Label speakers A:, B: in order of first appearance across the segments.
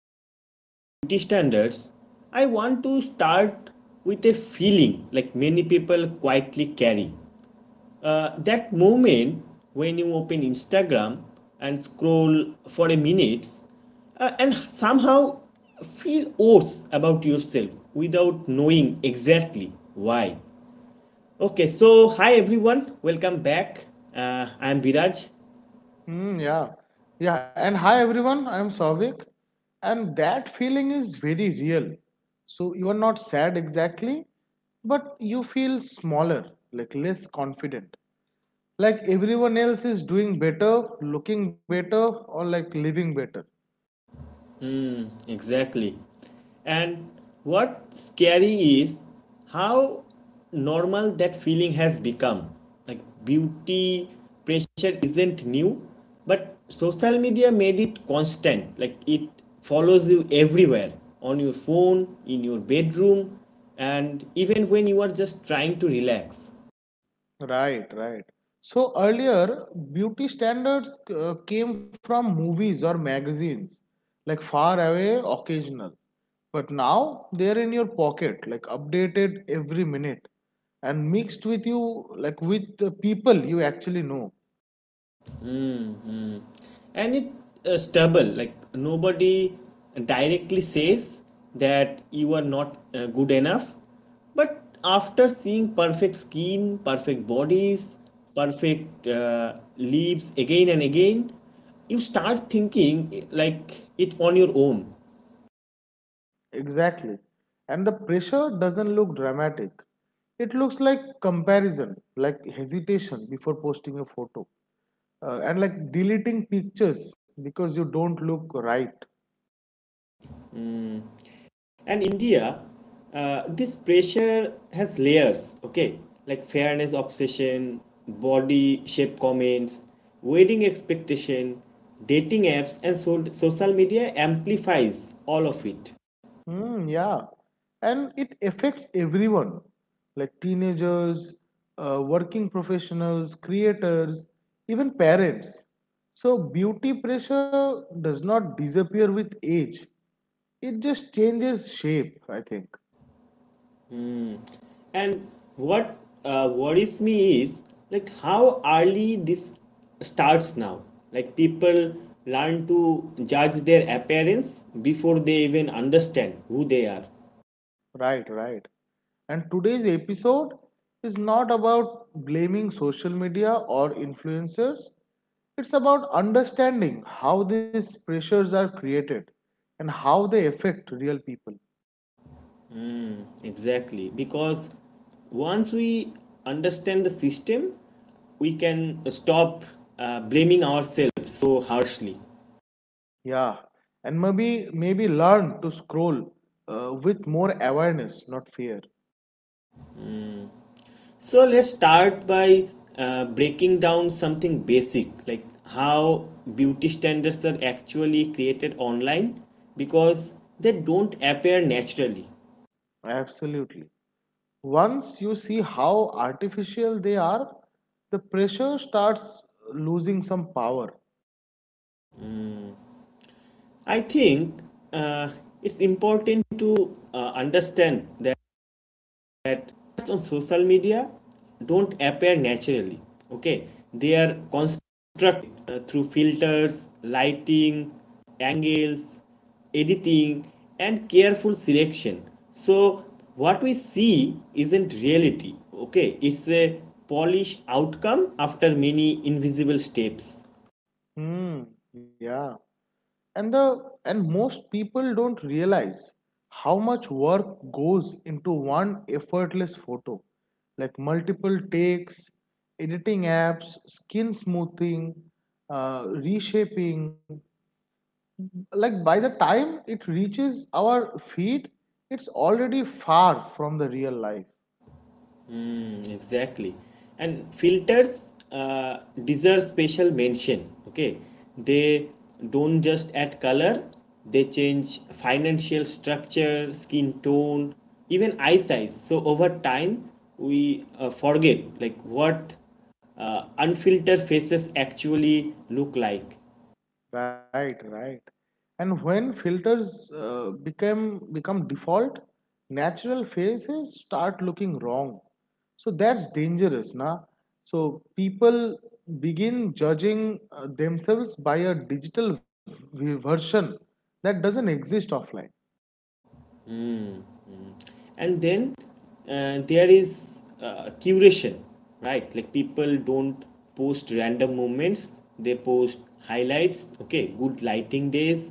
A: talk about beauty standards, I want to start with a feeling like many people quietly carry. That moment when you open Instagram and scroll for a minute and somehow feel worse about yourself without knowing exactly why. Okay, so hi everyone, welcome back. I am Biraj.
B: Hmm. Yeah, yeah. And hi everyone, I am Savik, and that feeling is very real. So you are not sad exactly, but you feel smaller, like less confident. Like everyone else is doing better, looking better, or like living better.
A: Exactly. And what's scary is how normal that feeling has become. Like beauty pressure isn't new, but social media made it constant. Like it follows you everywhere on your phone, in your bedroom, and even when you are just trying to relax.
B: Right, right. So earlier, beauty standards came from movies or magazines, like far away, occasional. But now they're in your pocket, like updated every minute and mixed with you, like with the people you actually know.
A: And it's stubble like nobody directly says that you are not good enough, but after seeing perfect skin, perfect bodies, perfect leaves again and again, you start thinking like it on your own.
B: Exactly. And the pressure doesn't look dramatic. It looks like comparison, like hesitation before posting a photo, and like deleting pictures because you don't look right.
A: And India, this pressure has layers, okay? Like fairness obsession, body shape comments, wedding expectation, dating apps, and social media amplifies all of it.
B: Hmm. Yeah, and it affects everyone, like teenagers, working professionals, creators, even parents. So beauty pressure does not disappear with age. It just changes shape, I think.
A: And what worries me is like how early this starts now. Like people learn to judge their appearance before they even understand who they are.
B: Right, right. And today's episode is not about blaming social media or influencers. It's about understanding how these pressures are created and how they affect real people.
A: Exactly, because once we understand the system, we can stop blaming ourselves so harshly.
B: Yeah, and maybe learn to scroll with more awareness, not fear.
A: So, let's start by breaking down something basic like how beauty standards are actually created online, because they don't appear naturally.
B: Absolutely. Once you see how artificial they are, the pressure starts losing some power.
A: I think uh, it's important to understand that that on social media don't appear naturally, okay, they are constructed through filters, lighting, angles, editing and careful selection. So what we see isn't reality, okay, it's a polished outcome after many invisible steps.
B: Hmm. Yeah. And most people don't realize how much work goes into one effortless photo, like multiple takes, editing apps, skin smoothing, reshaping, like by the time it reaches our feet it's already far from the real life.
A: Mm, exactly. And filters deserve special mention. Okay. They don't just add color, they change financial structure, skin tone, even eye size. So over time, we forget like what unfiltered faces actually look like.
B: Right, right. And when filters become default, natural faces start looking wrong. So that's dangerous, na. So people begin judging themselves by a digital version that doesn't exist offline.
A: Mm, mm. And then there is curation, right? Like people don't post random moments, they post highlights, okay, good lighting days,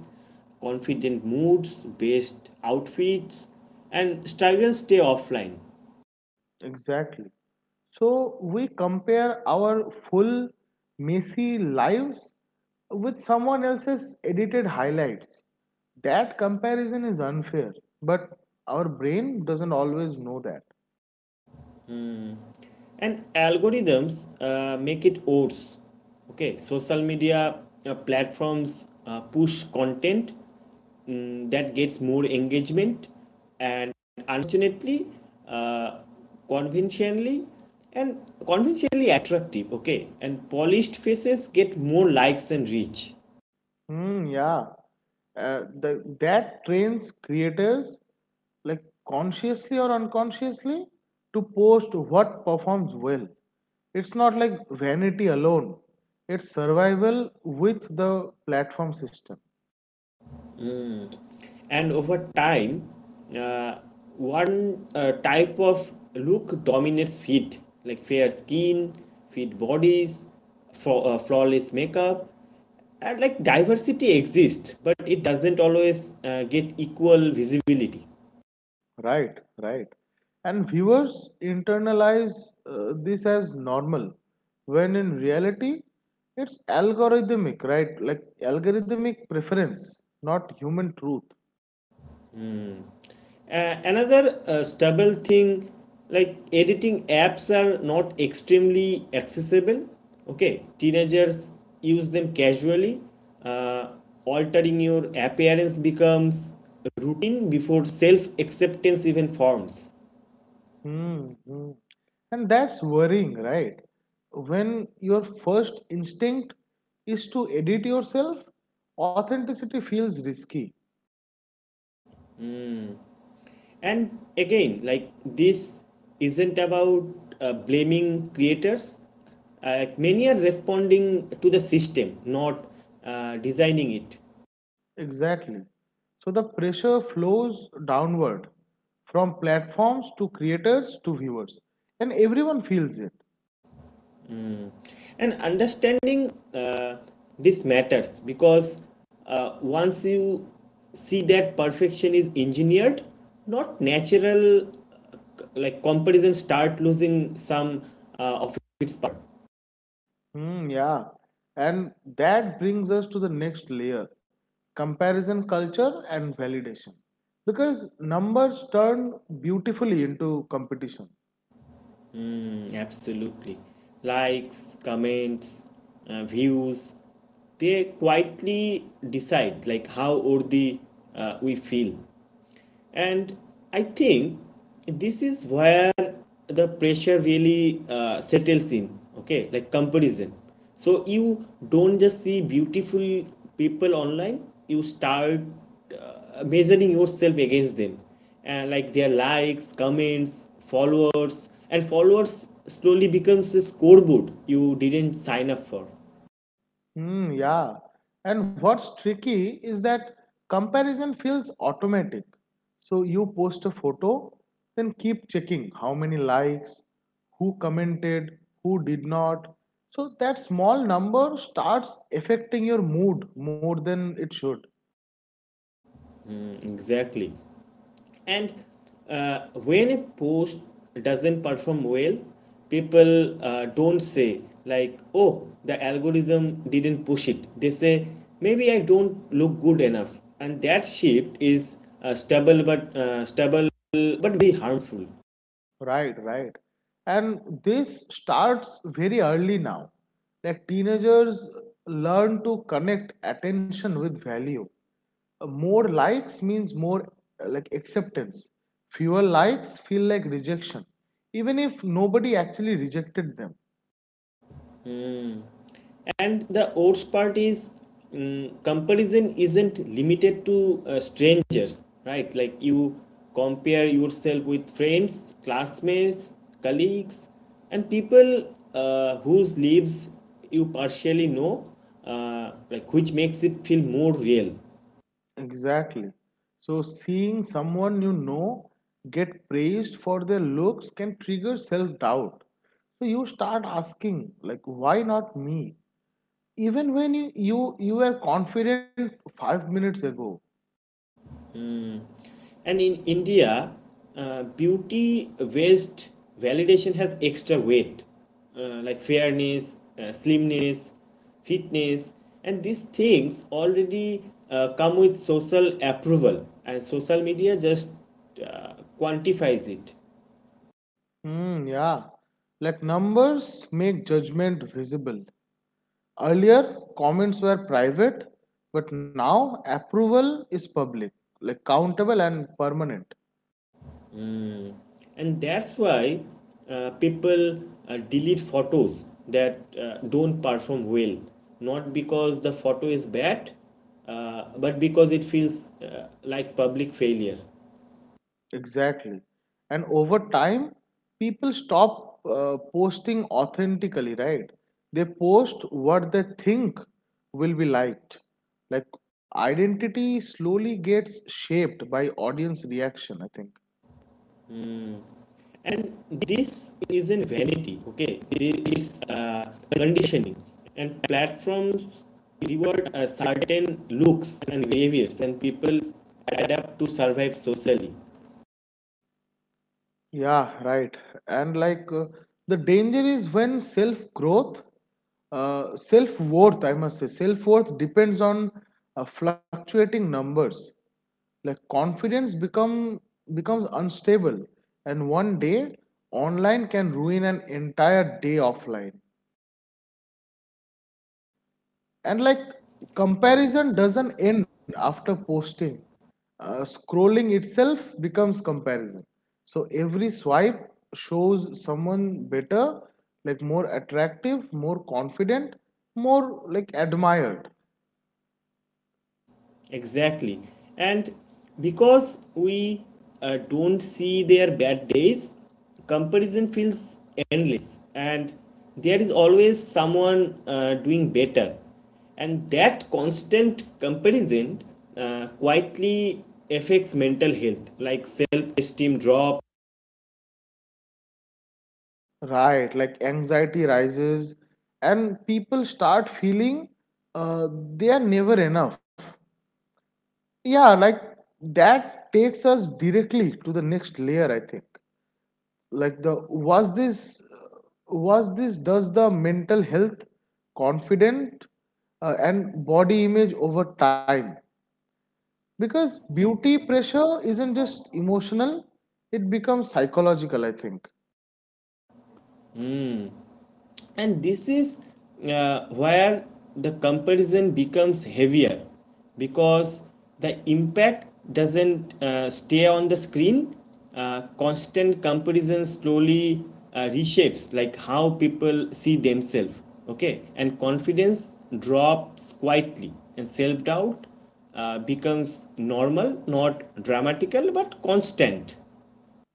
A: confident moods, best outfits, and struggles stay offline.
B: Exactly. So we compare our full, messy lives with someone else's edited highlights. That comparison is unfair, but our brain doesn't always know that.
A: And algorithms make it worse, okay, social media platforms push content, that gets more engagement, and unfortunately, uh, conventionally and conventionally attractive, okay, and polished faces get more likes and reach.
B: Hmm, yeah. That trains creators, like consciously or unconsciously, to post what performs well. It's not like vanity alone, it's survival with the platform system.
A: And over time, uh, one type of look dominates fit, like fair skin, fit bodies, flawless makeup, and like diversity exists but it doesn't always get equal visibility.
B: Right, right. And viewers internalize this as normal, when in reality, it's algorithmic, right? Like algorithmic preference, not human truth.
A: Another stable thing, like editing apps are not extremely accessible, okay, teenagers use them casually, uh, altering your appearance becomes routine before self acceptance even forms.
B: Hmm. Hmm. And that's worrying, right? When your first instinct is to edit yourself, authenticity feels risky.
A: And again, like this isn't about blaming creators, many are responding to the system, not designing it.
B: Exactly. So the pressure flows downward from platforms to creators to viewers, and everyone feels it.
A: And understanding this matters because once you see that perfection is engineered, not natural, like comparison start losing some of its power.
B: Hmm, yeah. And that brings us to the next layer, comparison culture and validation. Because numbers turn beautifully into competition.
A: Mm, absolutely. Likes, comments, views, they quietly decide like how worthy we feel. And I think this is where the pressure really settles in, okay, like comparison. So you don't just see beautiful people online, you start measuring yourself against them, and like their likes, comments, followers, and followers slowly becomes a scoreboard you didn't sign up for.
B: Hmm, yeah. And what's tricky is that comparison feels automatic. So you post a photo, then keep checking how many likes, who commented, who did not. So that small number starts affecting your mood more than it should.
A: Mm, exactly. And when a post doesn't perform well, people don't say like, oh, the algorithm didn't push it, they say maybe I don't look good enough, and that shift is stable but very harmful.
B: Right, right. And this starts very early now. Like teenagers learn to connect attention with value. More likes means more like acceptance. Fewer likes feel like rejection, even if nobody actually rejected them.
A: And the worst part is, comparison isn't limited to strangers, right? Like you compare yourself with friends, classmates, colleagues, and people whose lives you partially know, like which makes it feel more real.
B: Exactly. So seeing someone you know get praised for their looks can trigger self-doubt. So you start asking, like, why not me? Even when you were confident 5 minutes ago.
A: And in India, beauty based validation has extra weight, like fairness, slimness, fitness, and these things already come with social approval, and social media just uh, quantifies it.
B: Hmm, yeah. Like numbers make judgment visible. Earlier comments were private, but now approval is public, like countable and permanent.
A: And that's why people delete photos that don't perform well, not because the photo is bad, but because it feels like public failure.
B: Exactly. And over time, people stop posting authentically, right? They post what they think will be liked. Like identity slowly gets shaped by audience reaction, I think.
A: And this isn't vanity, okay, it's conditioning, and platforms reward certain looks and behaviors, and people adapt to survive socially.
B: Yeah, right. And like the danger is when self worth, I must say, self worth depends on fluctuating numbers. Like confidence becomes unstable, and one day online can ruin an entire day offline. And like comparison doesn't end after posting. Scrolling itself becomes comparison. So every swipe shows someone better, like more attractive, more confident, more like admired.
A: Exactly. And because we don't see their bad days, comparison feels endless. And there is always someone doing better. And that constant comparison quietly affects mental health, like self esteem drops,
B: Right, like anxiety rises and people start feeling uh, they are never enough. Yeah, like that takes us directly to the next layer, I think. Like the was this does the mental health confident and body image over time, because beauty pressure isn't just emotional, it becomes psychological, I think.
A: and this is where the comparison becomes heavier because the impact doesn't stay on the screen. Constant comparison slowly reshapes like how people see themselves, okay, and confidence drops quietly and self-doubt becomes normal, not dramatical but constant.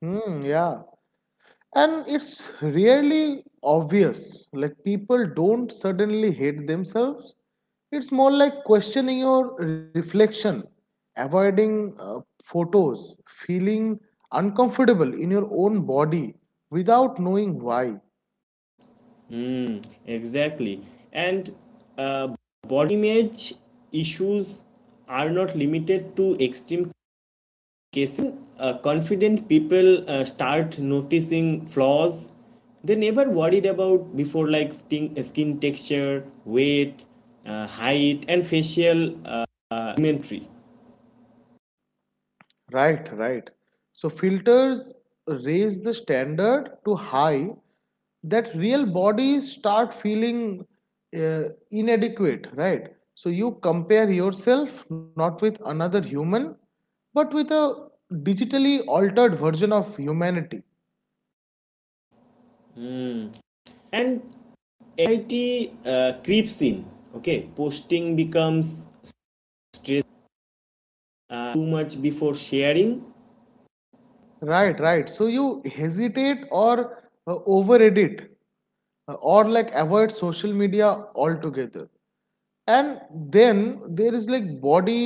B: Hmm. Yeah, and it's really obvious, like people don't suddenly hate themselves. It's more like questioning your reflection, avoiding photos, feeling uncomfortable in your own body without knowing why.
A: Mm, exactly. And uh, body image issues are not limited to extreme cases. Confident people start noticing flaws they never worried about before, like sting, skin texture, weight, height, and facial imagery.
B: Right, right. So filters raise the standard to high that real bodies start feeling uh, inadequate, right? So you compare yourself not with another human, but with a digitally altered version of humanity.
A: Mm. And anxiety creeps in. Okay, posting becomes stress, too much before sharing.
B: Right, right. So you hesitate or over edit or like avoid social media altogether. And then there is like body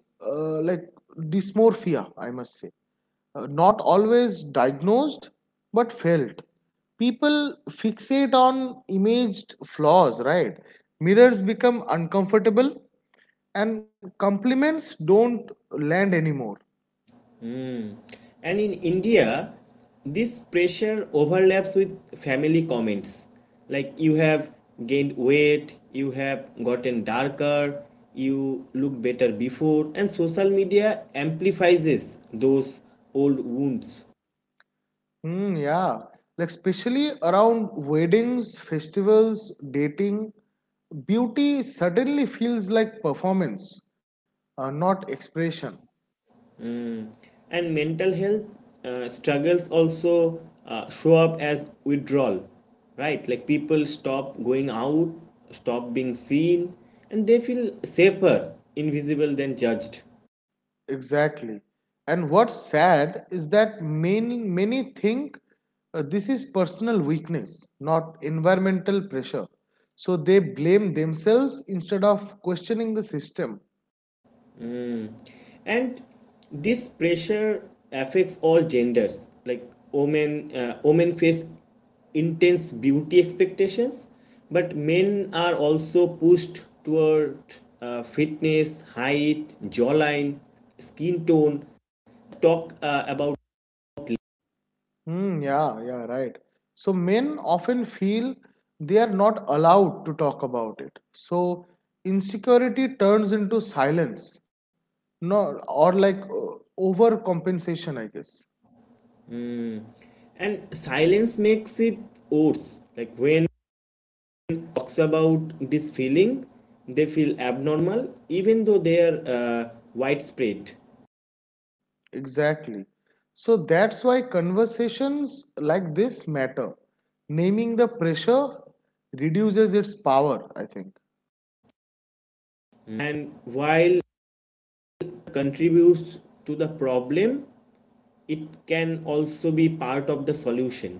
B: like dysmorphia, I must say. Not always diagnosed, but felt. People fixate on imaged flaws, right? Mirrors become uncomfortable, and compliments don't land anymore.
A: Hmm. And in India, this pressure overlaps with family comments. Like, you have gained weight, you have gotten darker, you look better before, and social media amplifies those old wounds.
B: Hmm, yeah. Like especially around weddings, festivals, dating, beauty suddenly feels like performance, not expression.
A: And mental health struggles also show up as withdrawal, right? Like, people stop going out, stop being seen, and they feel safer invisible than judged.
B: Exactly. And what's sad is that many think this is personal weakness, not environmental pressure. So they blame themselves instead of questioning the system.
A: And this pressure affects all genders, like women face intense beauty expectations, but men are also pushed toward fitness, height, jawline, skin tone, talk about.
B: Hmm, yeah, yeah, right. So men often feel they are not allowed to talk about it. So insecurity turns into silence, no, or like overcompensation, I guess.
A: And silence makes it worse, like when talks about this feeling, they feel abnormal even though they are widespread.
B: Exactly. So that's why conversations like this matter. Naming the pressure reduces its power, I think.
A: Mm. And while contributes to the problem, it can also be part of the solution,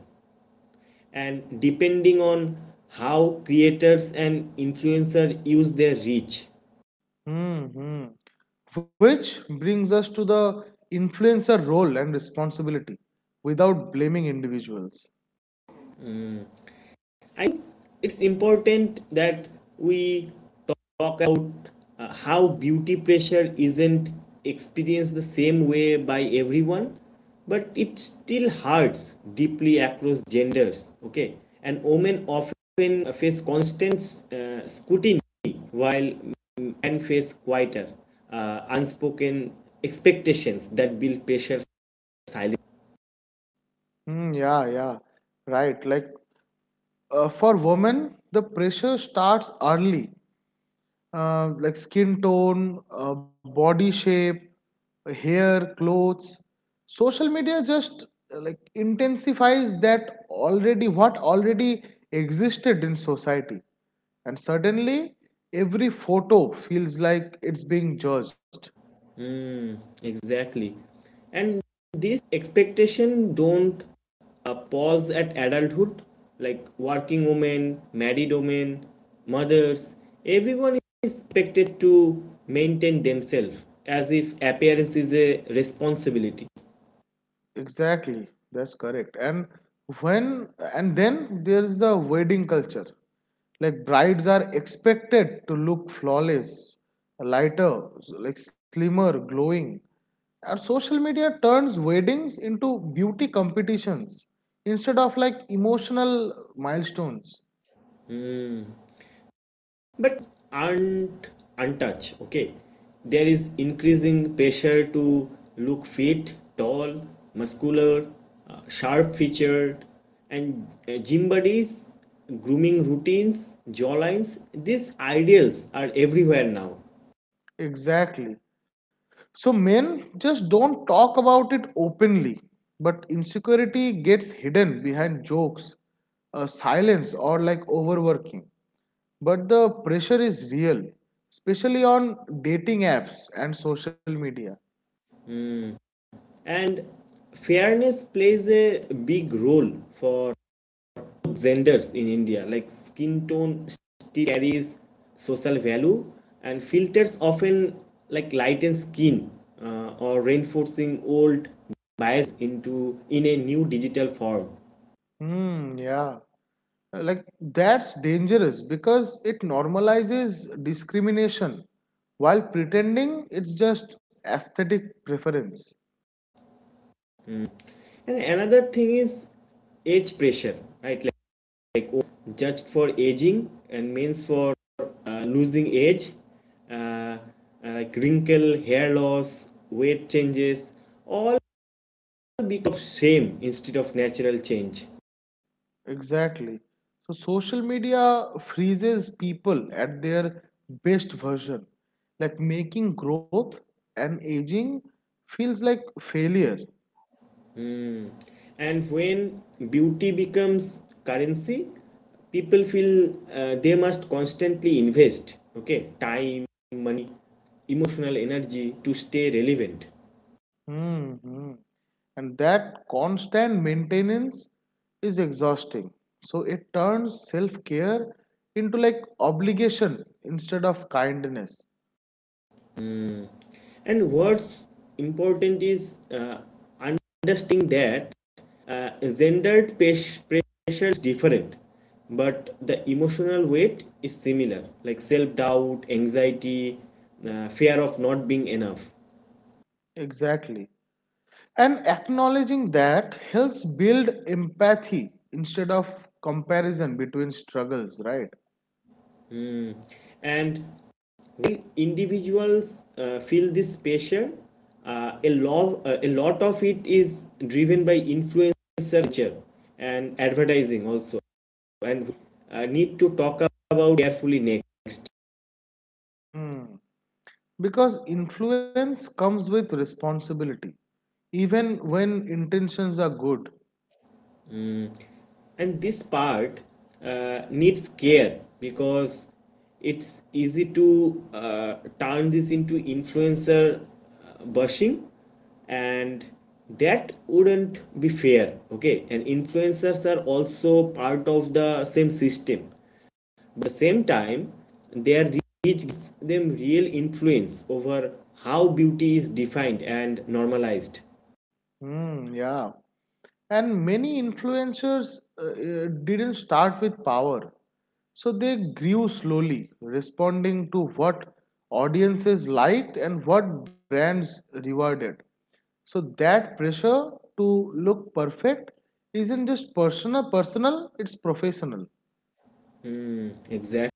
A: and depending on how creators and influencers use their reach.
B: Hmm. Which brings us to the influencer role and responsibility without blaming individuals.
A: I think it's important that we talk about how beauty pressure isn't experienced the same way by everyone, but it still hurts deeply across genders. Okay, and women often face constant scrutiny while men face quieter, unspoken expectations that build pressure silently.
B: Hmm, yeah, yeah, right. Like for women, the pressure starts early, like skin tone, body shape, hair, clothes. Social media just like intensifies that already what already existed in society, and suddenly every photo feels like it's being judged.
A: Mm, exactly. And these expectation don't pause at adulthood, like working women, married women, mothers. Everyone is expected to maintain themselves as if appearance is a responsibility.
B: Exactly, that's correct. When and then there's the wedding culture. Like brides are expected to look flawless, lighter, like slimmer, glowing. Our social media turns weddings into beauty competitions instead of like emotional milestones.
A: Hmm. But aren't untouched, okay, there is increasing pressure to look fit, tall, muscular, sharp featured, and gym bodies, grooming routines, jawlines, these ideals are everywhere now.
B: Exactly. So men just don't talk about it openly, but insecurity gets hidden behind jokes, silence, or like overworking. But the pressure is real, especially on dating apps and social media.
A: And fairness plays a big role for genders in India, like skin tone still carries social value, and filters often like lighten skin, or reinforcing old bias into in a new digital form.
B: Hmm, yeah. Like that's dangerous because it normalizes discrimination while pretending it's just aesthetic preference.
A: And another thing is age pressure, right? Like, oh, judged for aging and means for losing age, uh, uh, like wrinkle, hair loss, weight changes, all because of shame instead of natural change.
B: Exactly. So social media freezes people at their best version. Like making growth and aging feels like failure.
A: Mm. And when beauty becomes currency, people feel they must constantly invest, okay, time, money, emotional energy to stay relevant.
B: Hmm. And that constant maintenance is exhausting. So it turns self care into like obligation instead of kindness.
A: Mm. And what's important is understanding that gendered pressure is different, but the emotional weight is similar, like self doubt, anxiety, fear of not being enough.
B: Exactly. And acknowledging that helps build empathy instead of comparison between struggles, right?
A: Mm. And when individuals feel this pressure, a lot of it is driven by influencer culture and advertising also, and we need to talk about carefully next.
B: Hmm. Because influence comes with responsibility, even when intentions are good.
A: And this part needs care because it's easy to turn this into influencer bashing, and that wouldn't be fair, okay, and influencers are also part of the same system, but at the same time their reach gives them real influence over how beauty is defined and normalized.
B: Hmm. Yeah. And many influencers didn't start with power, so they grew slowly, responding to what audiences liked and what brands rewarded. So that pressure to look perfect isn't just personal. It's professional.
A: Hmm, exactly.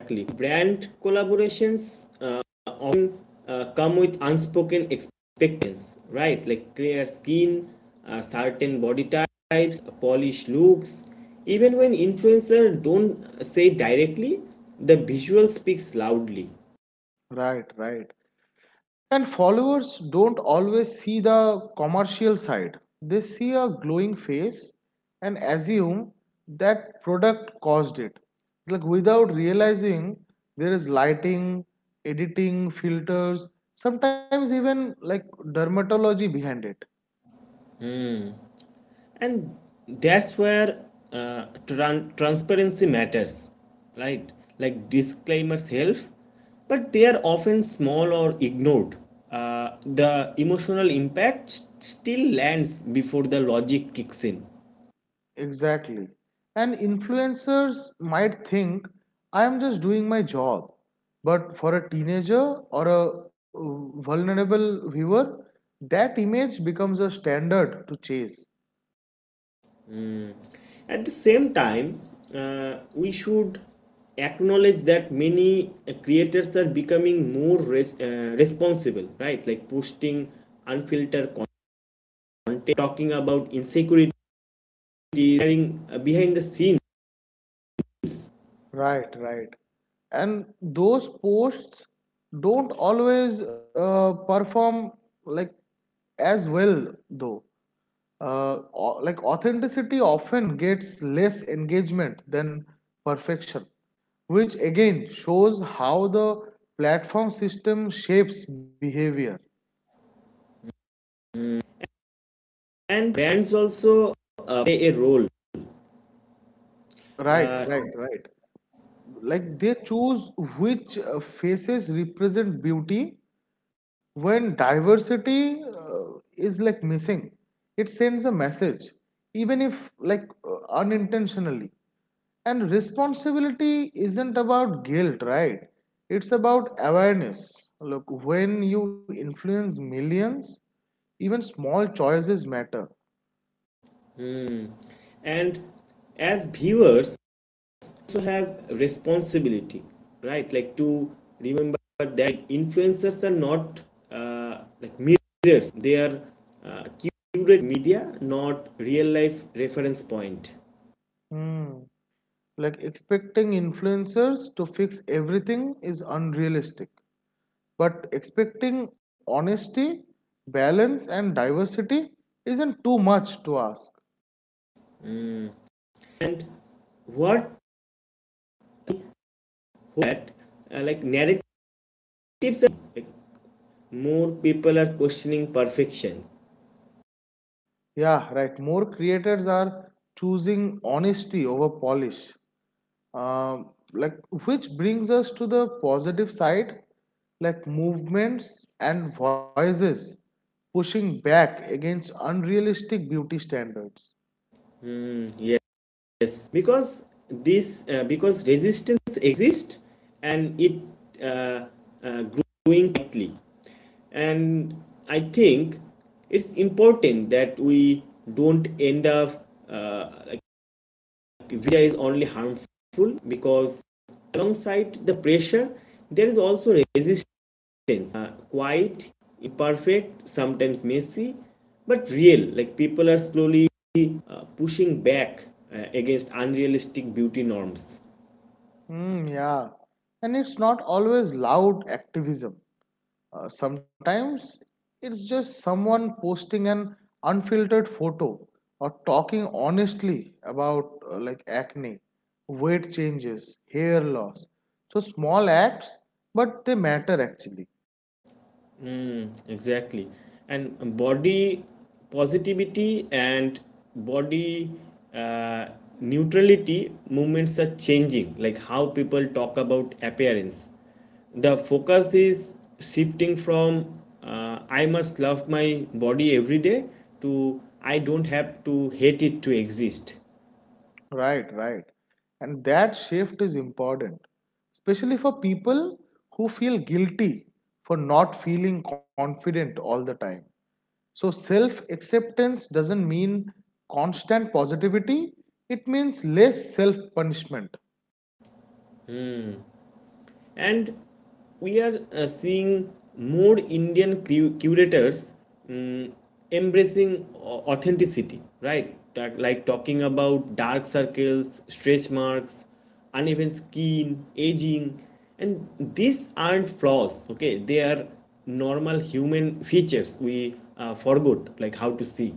A: Exactly. Brand collaborations often come with unspoken expectations, right? Like clear skin, certain body types, polished looks. Even when influencers don't say directly, the visual speaks loudly.
B: Right. Right. And followers don't always see the commercial side. They see a glowing face and assume that product caused it. Like without realizing there is lighting, editing, filters, sometimes even like dermatology behind it.
A: And that's where transparency matters, right? Like disclaimers help, but they are often small or ignored. The emotional impact still lands before the logic kicks in.
B: Exactly. And influencers might think, I am just doing my job. But for a teenager or a vulnerable viewer, that image becomes a standard to chase.
A: At the same time, we should acknowledge that many creators are becoming more responsible, right? Like posting unfiltered content, talking about insecurity, designing behind the scenes.
B: Right, right. And those posts don't always perform like as well though. uh, like authenticity often gets less engagement than perfection, which again shows how the platform system shapes behavior.
A: And brands also play a role.
B: Right,
A: uh,
B: right, right. Like they choose which faces represent beauty when diversity is like missing. It sends a message, even if like unintentionally. And responsibility isn't about guilt, right? It's about awareness. Look, when you influence millions, even small choices matter.
A: mm. And as viewers also have responsibility, right? Like to remember that influencers are not like mirrors, they are curated media, not real life reference point.
B: Hmm. Like expecting influencers to fix everything is unrealistic. But expecting honesty, balance, and diversity isn't too much to ask.
A: Mm. And what that like narratives, like more people are questioning perfection.
B: Yeah, right. More creators are choosing honesty over polish. Like, which brings us to the positive side, like movements and voices pushing back against unrealistic beauty standards.
A: Mm, yes, because this because resistance exists, and it uh, growing quickly. And I think it's important that we don't end up like via is only harmful, because alongside the pressure there is also resistance, uh, quite imperfect, sometimes messy, but real, like people are slowly pushing back against unrealistic beauty norms.
B: Hmm. Yeah, and it's not always loud activism. Sometimes it's just someone posting an unfiltered photo or talking honestly about like acne, weight changes, hair loss. So small acts, but they matter actually.
A: Exactly. And body positivity and body uh, neutrality movements are changing, like how people talk about appearance. The focus is shifting from I must love my body every day to I don't have to hate it to exist.
B: Right, right. And that shift is important, especially for people who feel guilty for not feeling confident all the time. So, self acceptance doesn't mean constant positivity, it means less self punishment.
A: And we are seeing more Indian curators, mm, embracing authenticity, right, that like talking about dark circles, stretch marks, uneven skin, aging, and these aren't flaws, okay, they are normal human features we forgot like how to see.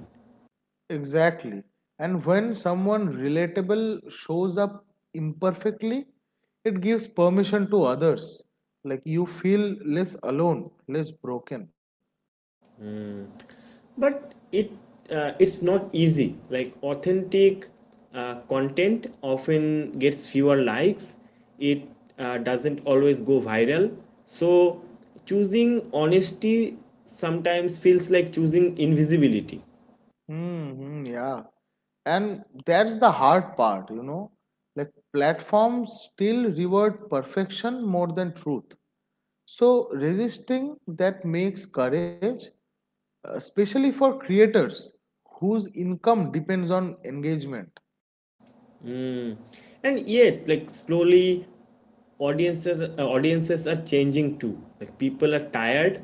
B: Exactly. And when someone relatable shows up imperfectly, it gives permission to others. Like you feel less alone, less broken.
A: But it's not easy, like authentic content often gets fewer likes, it doesn't always go viral, so choosing honesty sometimes feels like choosing invisibility.
B: Mm-hmm, yeah. And that's the hard part. Like platforms still reward perfection more than truth. So resisting that makes courage, especially for creators whose income depends on engagement.
A: And yet, like slowly audiences are changing too, like people are tired,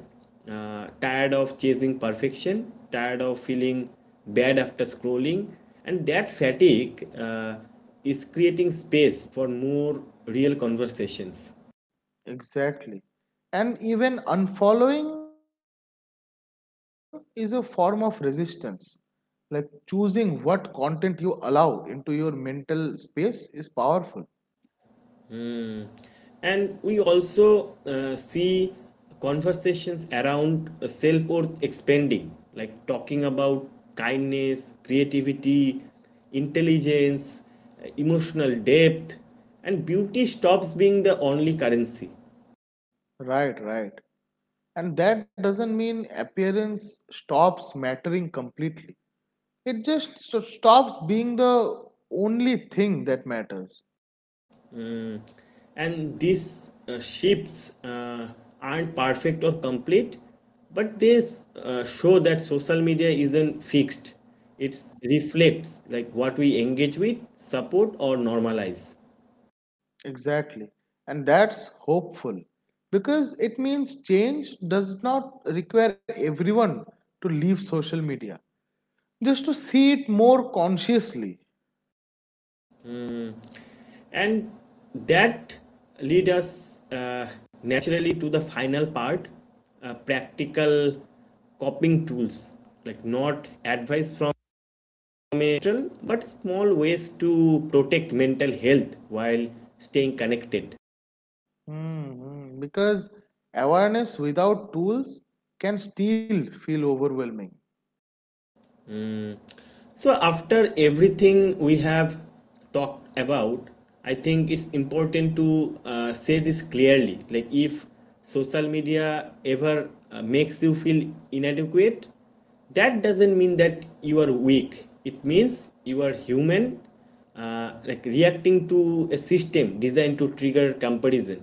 A: tired of chasing perfection, tired of feeling bad after scrolling, and that fatigue is creating space for more real conversations.
B: Exactly. And even unfollowing is a form of resistance. Like choosing what content you allow into your mental space is powerful.
A: And we also see conversations around self worth expanding, like talking about kindness, creativity, intelligence, emotional depth, and beauty stops being the only currency.
B: Right, right. And that doesn't mean appearance stops mattering completely. It just so stops being the only thing that matters.
A: Mm, and these shifts aren't perfect or complete, but they show that social media isn't fixed. It reflects like what we engage with, support, or normalize.
B: Exactly. And that's hopeful because it means change does not require everyone to leave social media, just to see it more consciously.
A: Mm. And that lead us naturally to the final part: practical coping tools, like not advice from, but small ways to protect mental health while staying connected.
B: Mhm. Because awareness without tools can still feel overwhelming.
A: So, after everything we have talked about, I think it's important to say this clearly. Like, if social media ever makes you feel inadequate, that doesn't mean that you are weak. It means you are human, like reacting to a system designed to trigger comparison.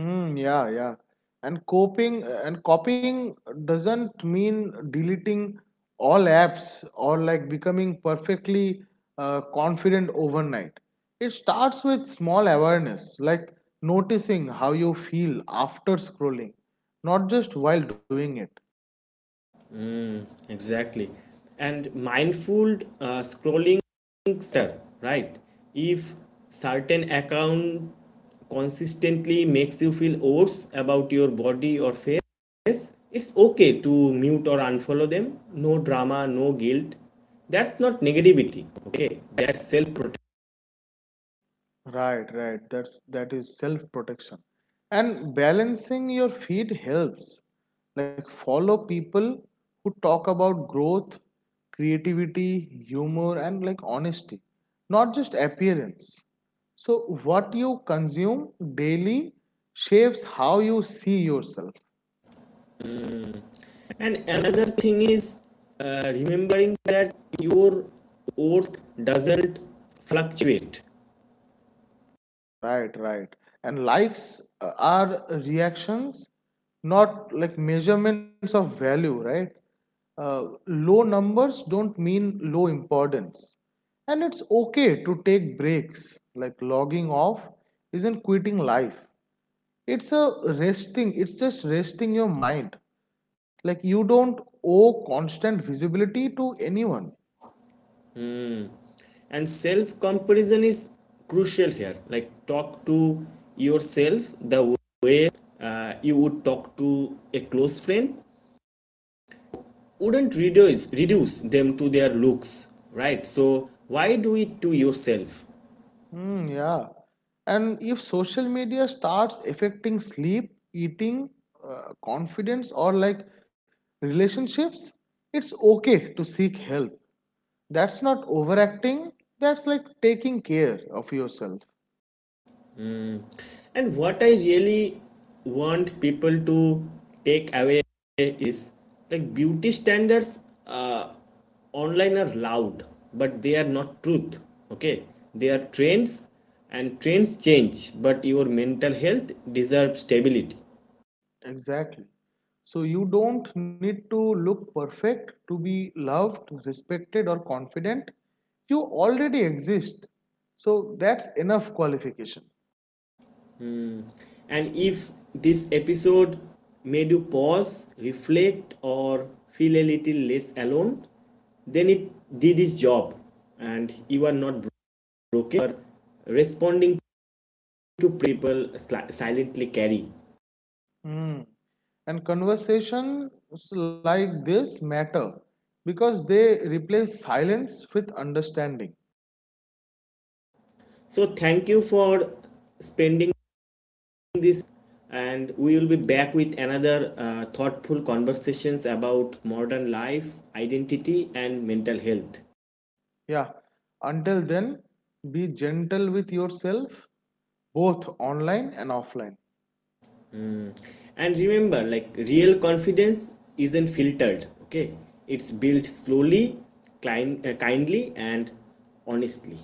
B: Mm, yeah, yeah. And coping and copying doesn't mean deleting all apps or like becoming perfectly confident overnight. It starts with small awareness, like noticing how you feel after scrolling, not just while doing it.
A: Exactly. And mindful scrolling center, right? If certain account consistently makes you feel worse about your body or face, it's okay to mute or unfollow them. No drama, no guilt. That's not negativity, okay? That's self protection.
B: Right, right. That is self-protection. And balancing your feed helps. Like follow people who talk about growth, creativity, humor, and like honesty, not just appearance. So what you consume daily shapes how you see yourself.
A: And another thing is remembering that your worth doesn't fluctuate.
B: Right, right. And likes are reactions, not like measurements of value, right? Low numbers don't mean low importance. And it's okay to take breaks. Like logging off isn't quitting life. It's just resting your mind. Like you don't owe constant visibility to anyone.
A: And self comparison is crucial here, like talk to yourself the way you would talk to a close friend. Wouldn't reduce them to their looks, right? So why do it to yourself?
B: Hmm. Yeah. And if social media starts affecting sleep, eating, confidence, or like relationships, it's okay to seek help. That's not overacting, that's like taking care of yourself.
A: Mm. And what I really want people to take away is like beauty standards online are loud, but they are not truth. Okay, they are trends, and trends change, but your mental health deserves stability.
B: Exactly. So you don't need to look perfect to be loved, respected, or confident. You already exist. So that's enough qualification.
A: Hmm. And if this episode made you pause, reflect, or feel a little less alone, then it did its job, and you are not broken or responding to people silently carry.
B: Hmm. And conversations like this matter because they replace silence with understanding.
A: So thank you for spending this, and we will be back with another thoughtful conversations about modern life, identity and mental health.
B: Yeah. Until then, be gentle with yourself, both online and offline.
A: Mm. And remember like real confidence isn't filtered, okay? It's built slowly, kindly and honestly.